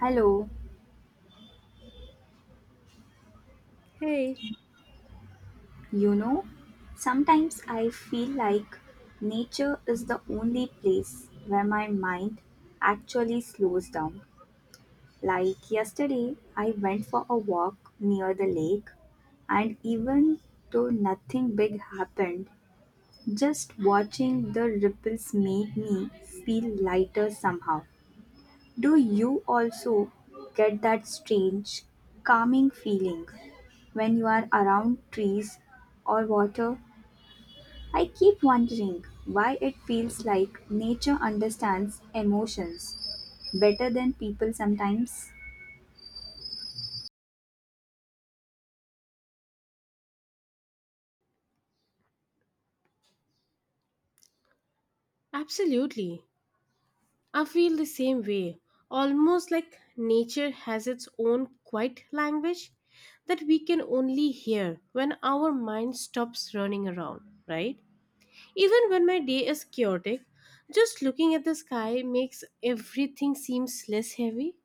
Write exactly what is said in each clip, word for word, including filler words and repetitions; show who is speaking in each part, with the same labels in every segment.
Speaker 1: Hello,
Speaker 2: Hey,
Speaker 1: you know, sometimes I feel like nature is the only place where my mind actually slows down. Like yesterday, I went for a walk near the lake, and even though nothing big happened, just watching the ripples made me feel lighter somehow. Do you also get that strange, calming feeling when you are around trees or water? I keep wondering why it feels like nature understands emotions better than people sometimes.
Speaker 2: absolutely. I feel the same way. Almost like nature has its own quiet language that we can only hear when our mind stops running around, right? Even when my day is chaotic, just looking at the sky makes everything seems less heavy.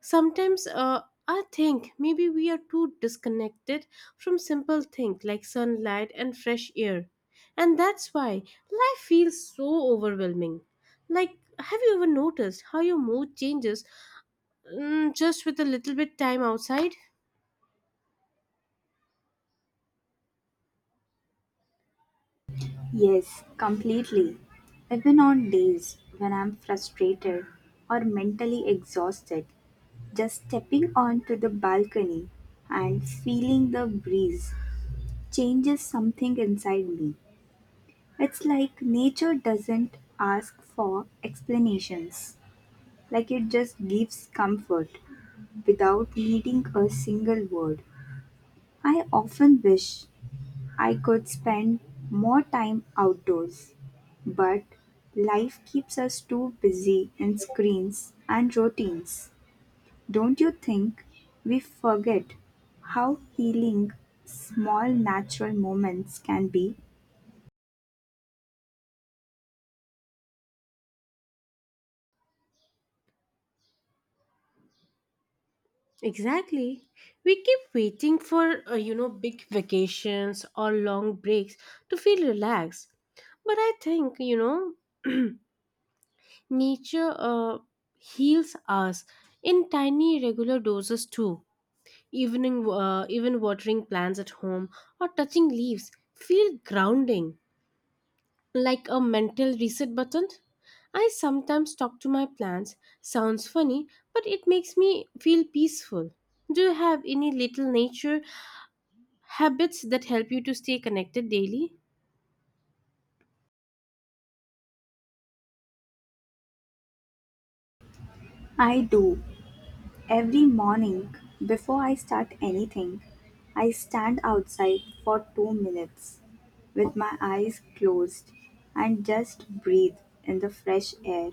Speaker 2: Sometimes uh, I think maybe we are too disconnected from simple things like sunlight and fresh air. And that's why life feels so overwhelming. Like, have you ever noticed how your mood changes mm, just with a little bit time outside?
Speaker 1: Yes, completely. Even on days when I'm frustrated or mentally exhausted, just stepping onto the balcony and feeling the breeze changes something inside me. It's like nature doesn't ask for explanations, like it just gives comfort without needing a single word. I often wish I could spend more time outdoors, but life keeps us too busy in screens and routines. Don't you think we forget how healing small natural moments can be?
Speaker 2: Exactly. We keep waiting for, uh, you know, big vacations or long breaks to feel relaxed. But I think, you know, nature uh, heals us in tiny, regular doses too. Evening, uh, even watering plants at home or touching leaves feel grounding, like a mental reset button. I sometimes talk to my plants. Sounds funny, but it makes me feel peaceful. Do you have any little nature habits that help you to stay connected daily?
Speaker 1: I do. Every morning, before I start anything, I stand outside for two minutes with my eyes closed and just breathe in the fresh air.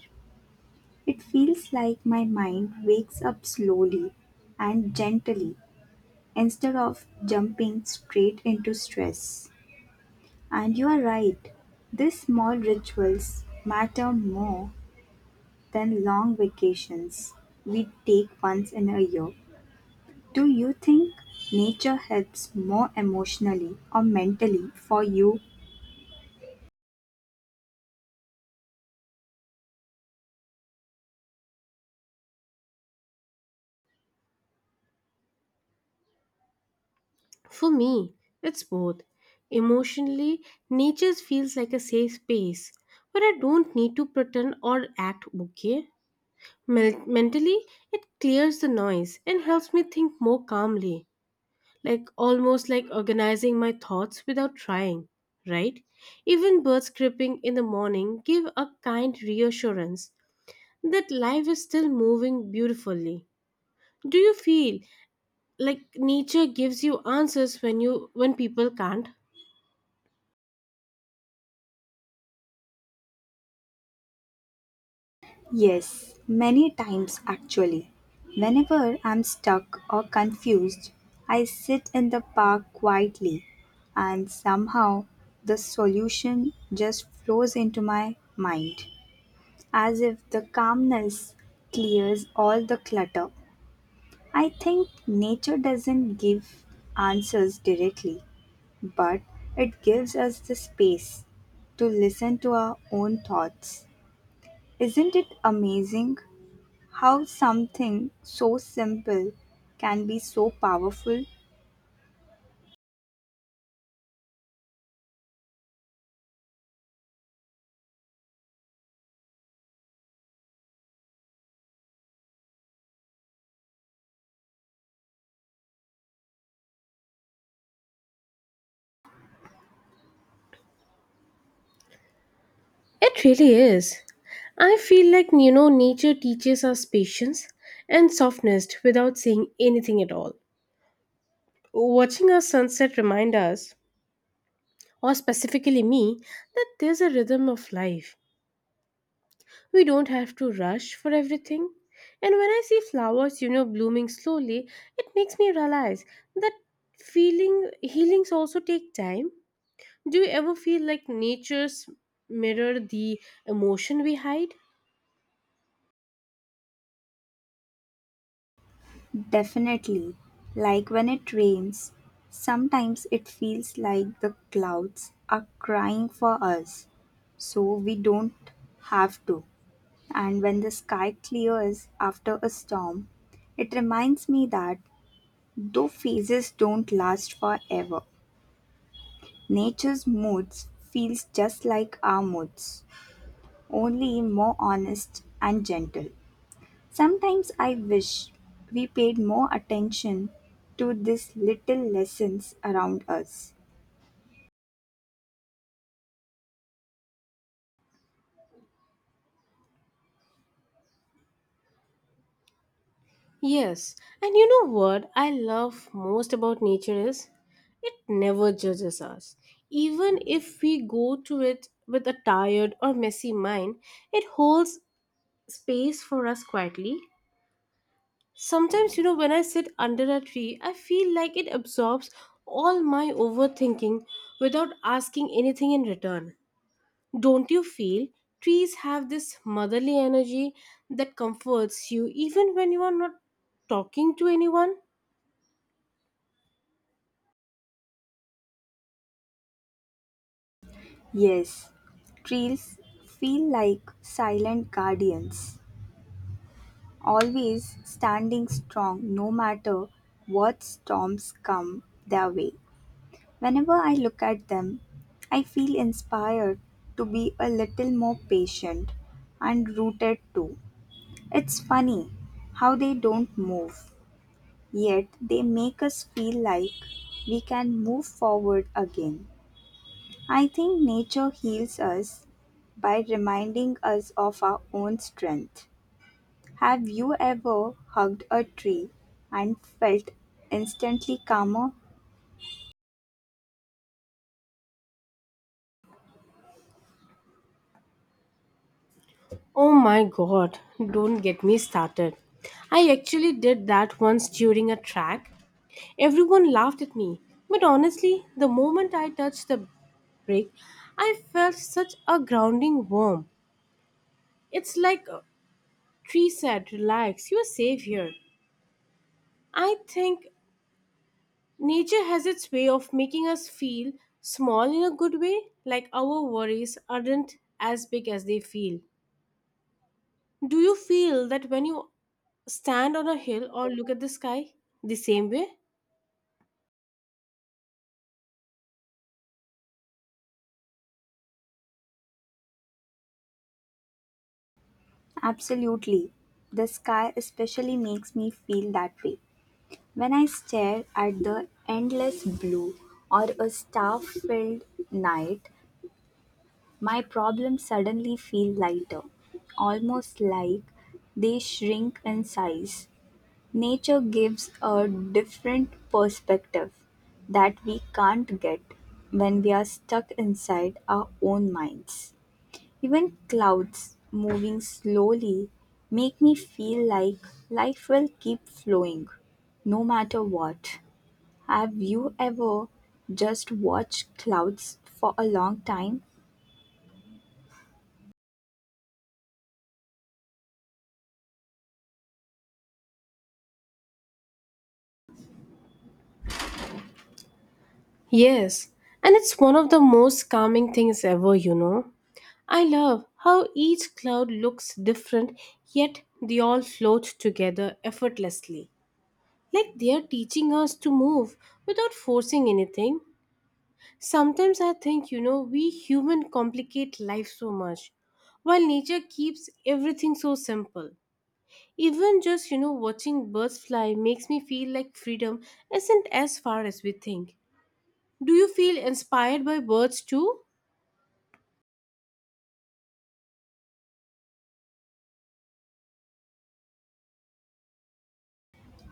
Speaker 1: It feels like my mind wakes up slowly and gently instead of jumping straight into stress. And you are right, these small rituals matter more than long vacations we take once in a year. Do you think nature helps more emotionally or mentally for you?
Speaker 2: For me, it's both. Emotionally, nature feels like a safe space where I don't need to pretend or act okay. Mel- mentally, it clears the noise and helps me think more calmly, like almost like organizing my thoughts without trying, right? Even birds chirping in the morning give a kind reassurance that life is still moving beautifully. Do you feel like nature gives you answers when you when people can't?
Speaker 1: Yes, many times actually. Whenever I'm stuck or confused, I sit in the park quietly and somehow the solution just flows into my mind as if the calmness clears all the clutter. I think nature doesn't give answers directly, but it gives us the space to listen to our own thoughts. Isn't it amazing how something so simple can be so powerful?
Speaker 2: It really is. I feel like, you know, nature teaches us patience and softness without saying anything at all. Watching a sunset remind us, or specifically me, that there's a rhythm of life. We don't have to rush for everything. And when I see flowers, you know, blooming slowly, it makes me realize that feeling healings also take time. Do you ever feel like nature's mirror the emotion we hide?
Speaker 1: Definitely. Like when it rains, sometimes it feels like the clouds are crying for us, so we don't have to. And when the sky clears after a storm, it reminds me that though phases don't last forever, nature's moods feels just like our moods, only more honest and gentle. Sometimes I wish we paid more attention to these little lessons around us.
Speaker 2: Yes, and you know what I love most about nature is it never judges us. Even if we go to it with a tired or messy mind, it holds space for us quietly. Sometimes, you know, when I sit under a tree, I feel like it absorbs all my overthinking without asking anything in return. Don't you feel trees have this motherly energy that comforts you even when you are not talking to anyone?
Speaker 1: Yes, trees feel like silent guardians, always standing strong no matter what storms come their way. Whenever I look at them, I feel inspired to be a little more patient and rooted too. It's funny how they don't move, yet they make us feel like we can move forward again. I think nature heals us by reminding us of our own strength. Have you ever hugged a tree and felt instantly calmer?
Speaker 2: Oh my god, don't get me started. I actually did that once during a track. Everyone laughed at me, but honestly, the moment I touched the brake, I felt such a grounding warmth. It's like a tree said, relax, you're safe here. I think nature has its way of making us feel small in a good way, like our worries aren't as big as they feel. Do you feel that when you stand on a hill or look at the sky the same way?
Speaker 1: Absolutely. The sky especially makes me feel that way. When I stare at the endless blue or a star filled night, my problems suddenly feel lighter, almost like they shrink in size. Nature gives a different perspective that we can't get when we are stuck inside our own minds. Even clouds moving slowly make me feel like life will keep flowing no matter what. Have you ever just watched clouds for a long time?
Speaker 2: Yes, and it's one of the most calming things ever, you know. I love how each cloud looks different, yet they all float together effortlessly. Like they are teaching us to move without forcing anything. Sometimes I think, you know, we human complicate life so much, while nature keeps everything so simple. Even just, you know, watching birds fly makes me feel like freedom isn't as far as we think. Do you feel inspired by birds too?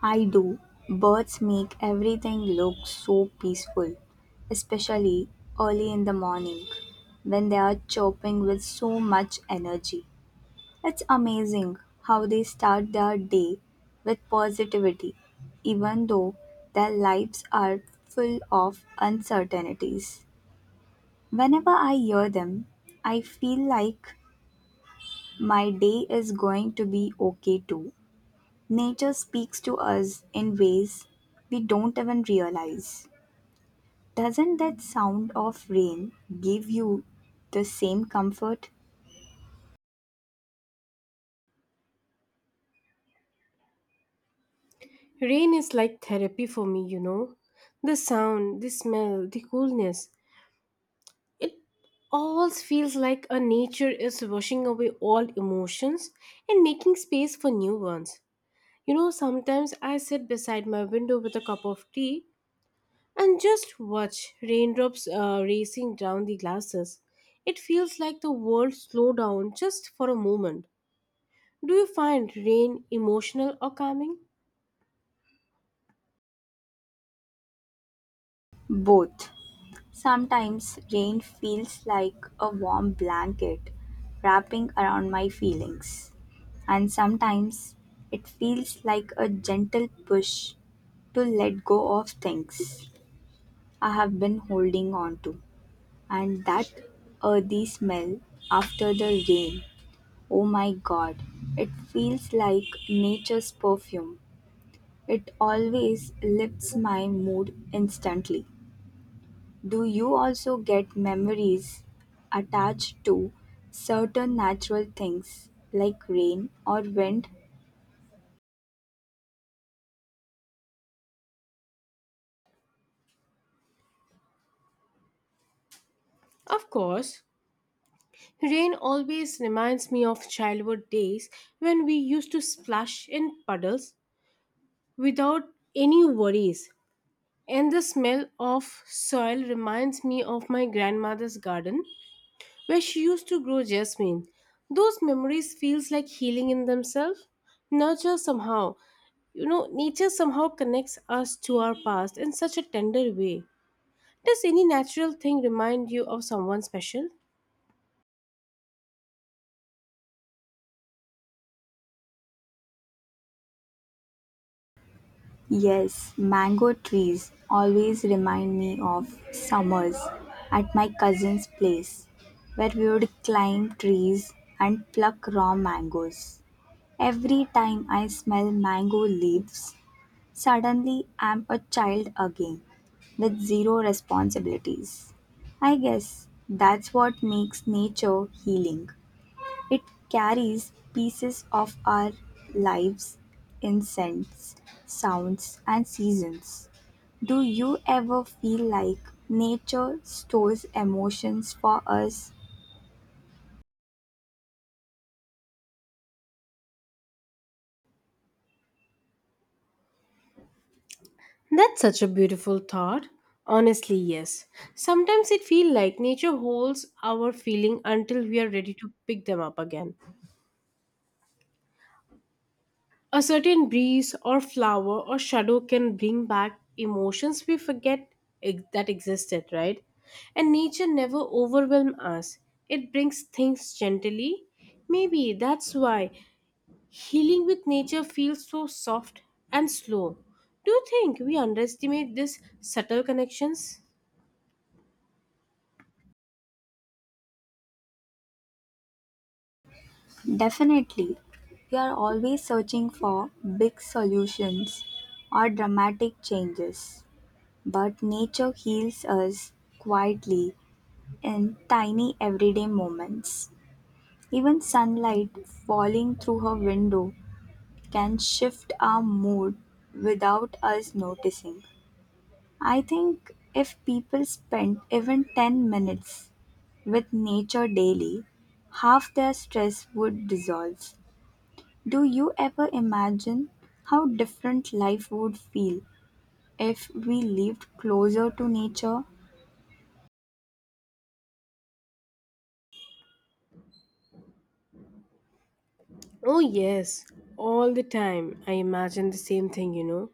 Speaker 1: I do. Birds make everything look so peaceful, especially early in the morning when they are chirping with so much energy. It's amazing how they start their day with positivity, even though their lives are full of uncertainties. Whenever I hear them, I feel like my day is going to be okay too. Nature speaks to us in ways we don't even realize. Doesn't that sound of rain give you the same comfort?
Speaker 2: Rain is like therapy for me, you know. The sound, the smell, the coolness. It all feels like a nature is washing away all emotions and making space for new ones. You know, sometimes I sit beside my window with a cup of tea and just watch raindrops uh, racing down the glasses. It feels like the world slowed down just for a moment. Do you find rain emotional or calming?
Speaker 1: Both. Sometimes rain feels like a warm blanket wrapping around my feelings, and sometimes it feels like a gentle push to let go of things I have been holding on to. And that earthy smell after the rain, oh my god, it feels like nature's perfume. It always lifts my mood instantly. Do you also get memories attached to certain natural things like rain or wind?
Speaker 2: Of course. Rain always reminds me of childhood days when we used to splash in puddles without any worries. And the smell of soil reminds me of my grandmother's garden where she used to grow jasmine. Those memories feels like healing in themselves. Nature somehow, you know, nature somehow connects us to our past in such a tender way. Does any natural thing remind you of someone special?
Speaker 1: Yes, mango trees always remind me of summers at my cousin's place where we would climb trees and pluck raw mangoes. Every time I smell mango leaves, suddenly, I'm a child again, with zero responsibilities. I guess that's what makes nature healing. It carries pieces of our lives in scents, sounds, and seasons. Do you ever feel like nature stores emotions for us?
Speaker 2: That's such a beautiful thought. Honestly, yes. Sometimes it feels like nature holds our feeling until we are ready to pick them up again. A certain breeze or flower or shadow can bring back emotions we forget ex- that existed, right? And nature never overwhelms us. It brings things gently. Maybe that's why healing with nature feels so soft and slow. Do you think we underestimate these subtle connections?
Speaker 1: Definitely. We are always searching for big solutions or dramatic changes. But nature heals us quietly in tiny everyday moments. Even sunlight falling through her window can shift our mood without us noticing. I think if people spent even ten minutes with nature daily, half their stress would dissolve. Do you ever imagine how different life would feel if we lived closer to nature?
Speaker 2: Oh, yes, all the time. I imagine the same thing, you know.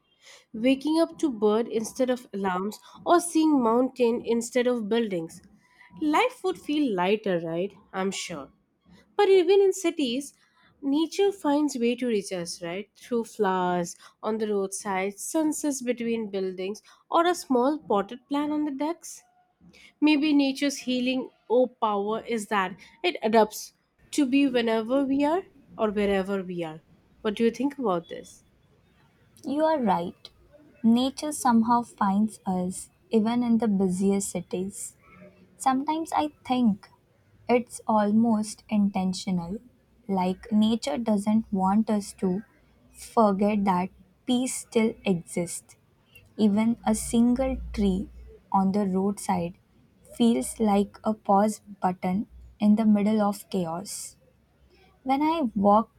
Speaker 2: Waking up to bird instead of alarms or seeing mountain instead of buildings. Life would feel lighter, right? I'm sure. But even in cities, nature finds way to reach us, right? Through flowers on the roadside, sunsets between buildings, or a small potted plant on the decks. Maybe nature's healing oh power is that it adapts to be whenever we are or wherever we are. What do you think about this?
Speaker 1: You are right. Nature somehow finds us, even in the busiest cities. Sometimes I think it's almost intentional. Like, nature doesn't want us to forget that peace still exists. Even a single tree on the roadside feels like a pause button in the middle of chaos. When I walk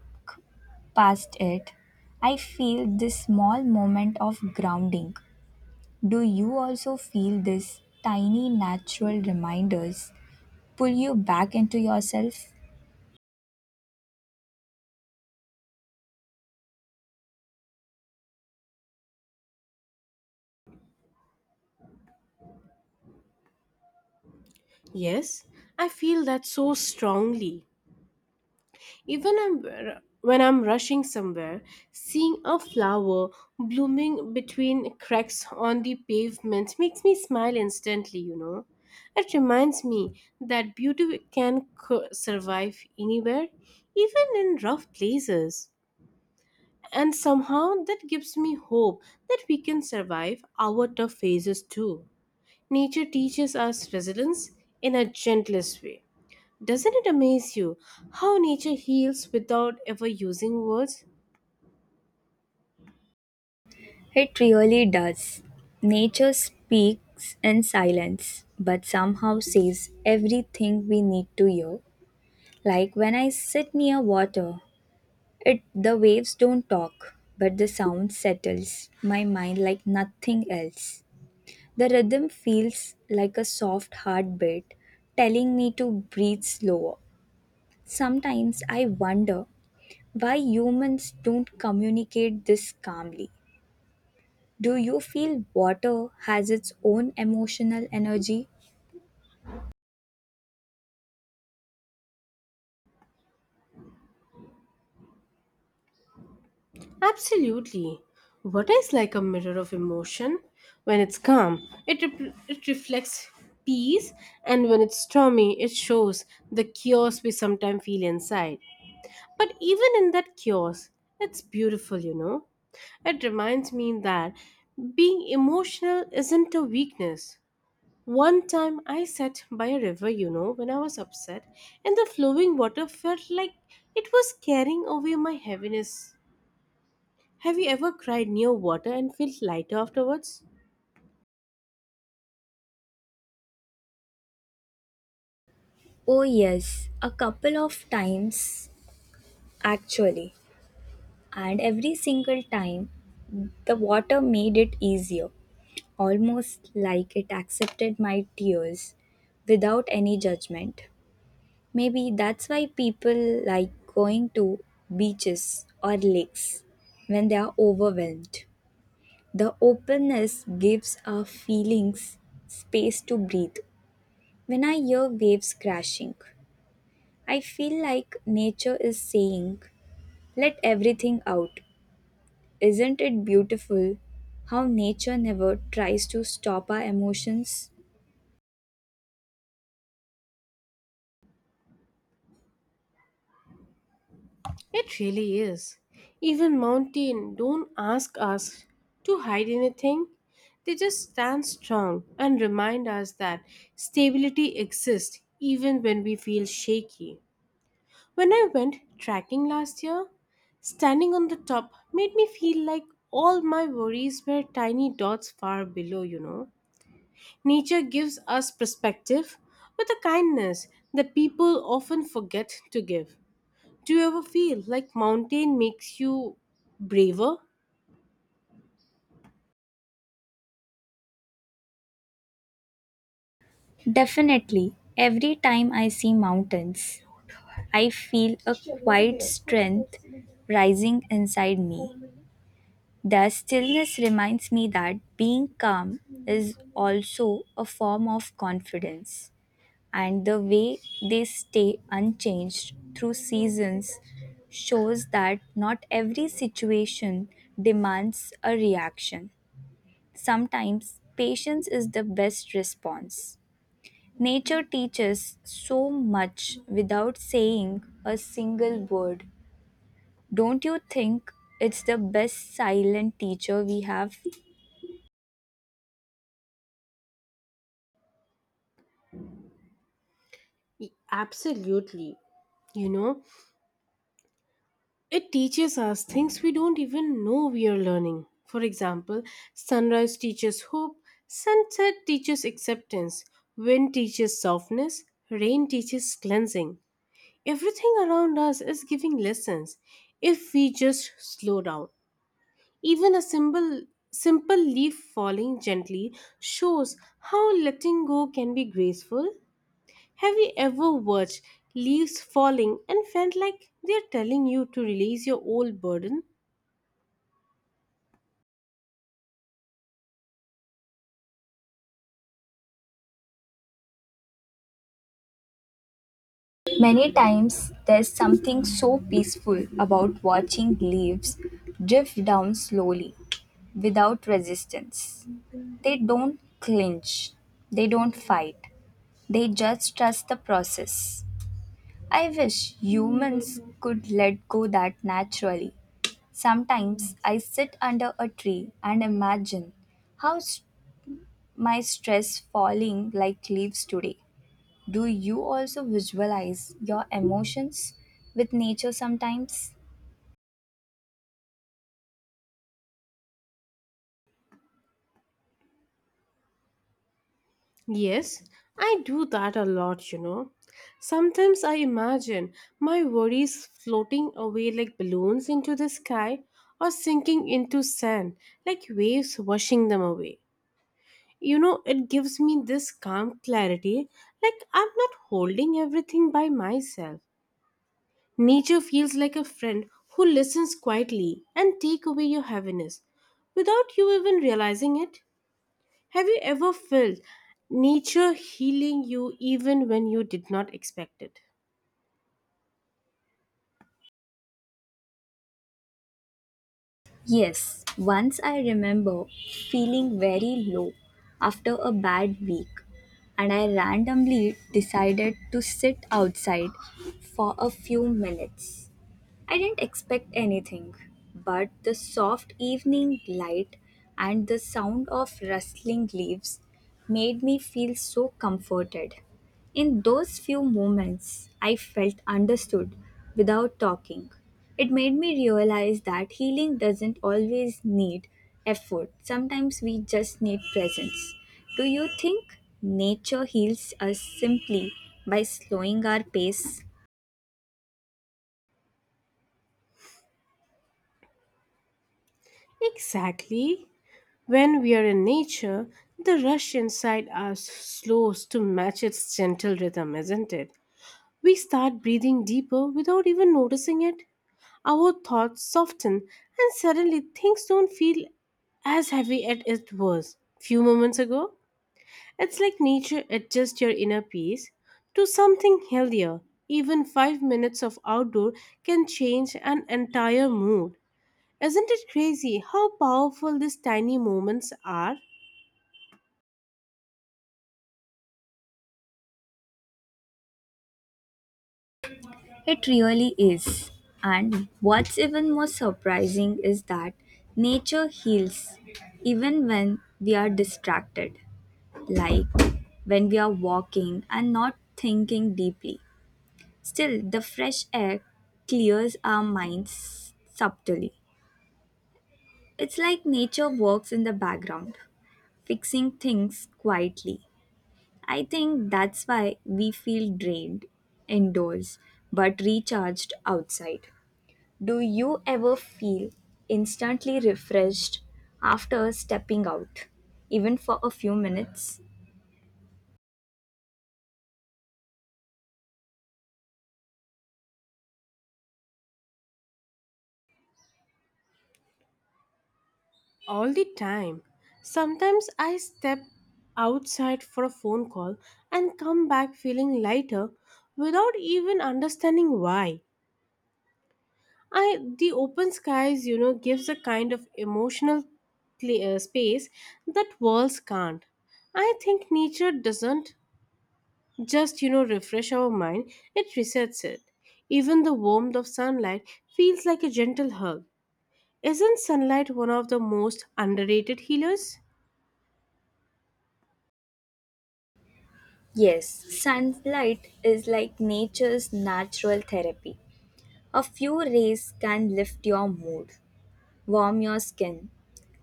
Speaker 1: past it, I feel this small moment of grounding. Do you also feel these tiny natural reminders pull you back into yourself?
Speaker 2: Yes, I feel that so strongly. Even I'm, when I'm rushing somewhere, seeing a flower blooming between cracks on the pavement makes me smile instantly, you know. It reminds me that beauty can co- survive anywhere, even in rough places. And somehow that gives me hope that we can survive our tough phases too. Nature teaches us resilience in a gentlest way. Doesn't it amaze you how nature heals without ever using words?
Speaker 1: It really does. Nature speaks in silence, but somehow says everything we need to hear. Like when I sit near water, it the waves don't talk, but the sound settles my mind like nothing else. The rhythm feels like a soft heartbeat telling me to breathe slower. Sometimes I wonder why humans don't communicate this calmly. Do you feel water has its own emotional energy?
Speaker 2: Absolutely. Water is like a mirror of emotion. When it's calm, it, rep- it reflects peace, and when it's stormy, it shows the chaos we sometimes feel inside. But even in that chaos, it's beautiful, you know. It reminds me that being emotional isn't a weakness. One time I sat by a river, you know, when I was upset, and the flowing water felt like it was carrying away my heaviness. Have you ever cried near water and felt lighter afterwards?
Speaker 1: Oh, yes, a couple of times actually. And every single time, the water made it easier, almost like it accepted my tears without any judgment. Maybe that's why people like going to beaches or lakes when they are overwhelmed. The openness gives our feelings space to breathe. When I hear waves crashing, I feel like nature is saying, let everything out. Isn't it beautiful how nature never tries to stop our emotions?
Speaker 2: It really is. Even mountain don't ask us to hide anything. They just stand strong and remind us that stability exists even when we feel shaky. When I went trekking last year, standing on the top made me feel like all my worries were tiny dots far below, you know. Nature gives us perspective with a kindness that people often forget to give. Do you ever feel like mountain makes you braver?
Speaker 1: Definitely, every time I see mountains, I feel a quiet strength rising inside me. The stillness reminds me that being calm is also a form of confidence, and the way they stay unchanged through seasons shows that not every situation demands a reaction. Sometimes patience is the best response. Nature teaches so much without saying a single word. Don't you think it's the best silent teacher we have?
Speaker 2: Y- Absolutely. You know, it teaches us things we don't even know we are learning. For example, sunrise teaches hope, sunset teaches acceptance, wind teaches softness, rain teaches cleansing. Everything around us is giving lessons if we just slow down. Even a simple simple leaf falling gently shows how letting go can be graceful. Have you ever watched leaves falling and felt like they're telling you to release your old burden?
Speaker 1: Many times there's something so peaceful about watching leaves drift down slowly without resistance. They don't clinch, they don't fight, they just trust the process. I wish humans could let go that naturally. Sometimes I sit under a tree and imagine how s- my stress falling like leaves today. Do you also visualize your emotions with nature sometimes?
Speaker 2: Yes, I do that a lot, you know. Sometimes I imagine my worries floating away like balloons into the sky or sinking into sand like waves washing them away. You know, it gives me this calm clarity like I'm not holding everything by myself. Nature feels like a friend who listens quietly and take away your heaviness without you even realizing it. Have you ever felt nature healing you even when you did not expect it?
Speaker 1: Yes, once I remember feeling very low after a bad week, and I randomly decided to sit outside for a few minutes. I didn't expect anything, but the soft evening light and the sound of rustling leaves made me feel so comforted. In those few moments, I felt understood without talking. It made me realize that healing doesn't always need effort, sometimes we just need presence. Do you think nature heals us simply by slowing our pace?
Speaker 2: Exactly. When we are in nature, the rush inside us slows to match its gentle rhythm, isn't it? We start breathing deeper without even noticing it. Our thoughts soften, and suddenly things don't feel as heavy as it was few moments ago. It's like nature adjusts your inner peace to something healthier. Even five minutes of outdoor can change an entire mood. Isn't it crazy how powerful these tiny moments are?
Speaker 1: It really is. And what's even more surprising is that nature heals even when we are distracted, like when we are walking and not thinking deeply. Still, the fresh air clears our minds subtly. It's like nature works in the background, fixing things quietly. I think that's why we feel drained indoors but recharged outside. Do you ever feel instantly refreshed after stepping out, even for a few minutes?
Speaker 2: All the time. Sometimes I step outside for a phone call and come back feeling lighter without even understanding why. I The open skies, you know, gives a kind of emotional clear space that walls can't. I think nature doesn't just, you know, refresh our mind, it resets it. Even the warmth of sunlight feels like a gentle hug. Isn't sunlight one of the most underrated healers?
Speaker 1: Yes, sunlight is like nature's natural therapy. A few rays can lift your mood, warm your skin,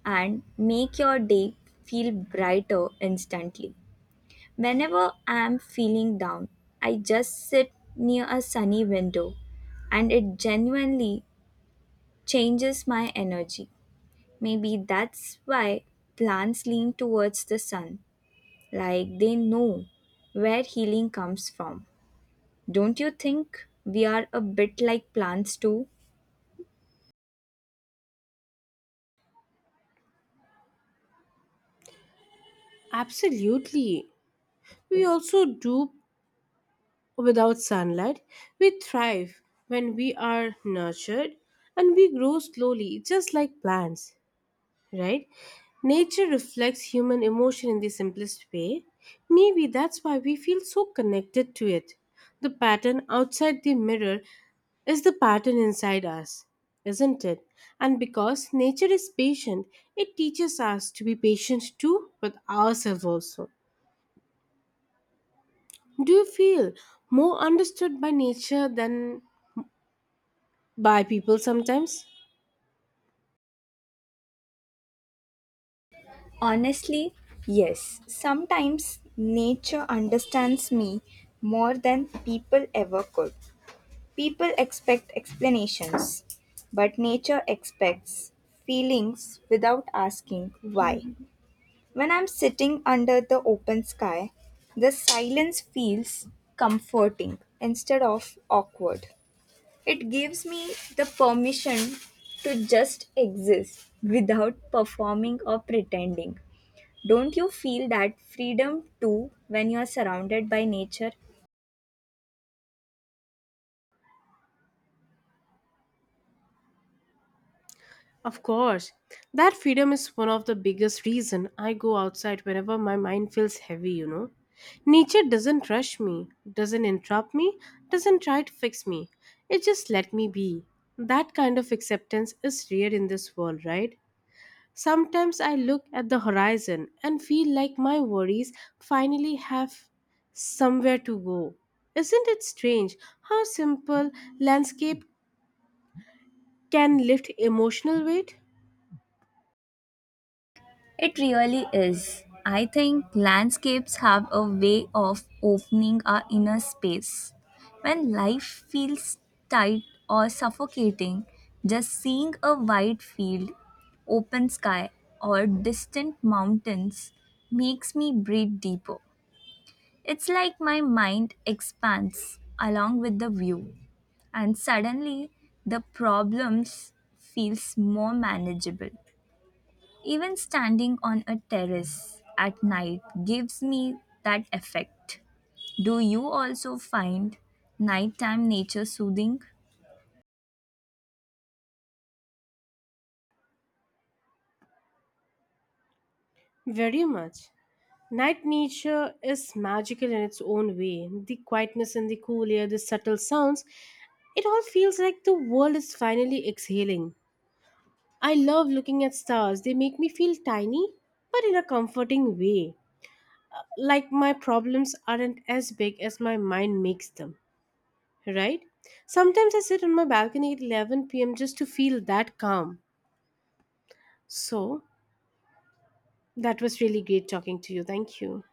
Speaker 1: and make your day feel brighter instantly. Whenever I am feeling down, I just sit near a sunny window and it genuinely changes my energy. Maybe that's why plants lean towards the sun, like they know where healing comes from. Don't you think we are a bit like plants too?
Speaker 2: Absolutely. We also do without sunlight. We thrive when we are nurtured and we grow slowly, just like plants, right? Nature reflects human emotion in the simplest way. Maybe that's why we feel so connected to it. The pattern outside the mirror is the pattern inside us, isn't it? And because nature is patient, it teaches us to be patient too with ourselves also. Do you feel more understood by nature than by people sometimes?
Speaker 1: Honestly, yes. Sometimes nature understands me more than people ever could. People expect explanations, but nature expects feelings without asking why. When I'm sitting under the open sky, the silence feels comforting instead of awkward. It gives me the permission to just exist without performing or pretending. Don't you feel that freedom too when you are surrounded by nature?
Speaker 2: Of course, that freedom is one of the biggest reason I go outside whenever my mind feels heavy, you know. Nature doesn't rush me, doesn't interrupt me, doesn't try to fix me. It just let me be. That kind of acceptance is rare in this world, right? Sometimes I look at the horizon and feel like my worries finally have somewhere to go. Isn't it strange how simple landscape can lift emotional weight?
Speaker 1: It really is. I think landscapes have a way of opening our inner space. When life feels tight or suffocating, just seeing a wide field, open sky, or distant mountains makes me breathe deeper. It's like my mind expands along with the view, and suddenly the problems feels more manageable. Even standing on a terrace at night gives me that effect. Do you also find nighttime nature soothing?
Speaker 2: Very much. Night nature is magical in its own way. The quietness and the cool air, the subtle sounds, it all feels like the world is finally exhaling. I love looking at stars. They make me feel tiny, but in a comforting way. Like my problems aren't as big as my mind makes them, right? Sometimes I sit on my balcony at eleven p m just to feel that calm. So, that was really great talking to you. Thank you.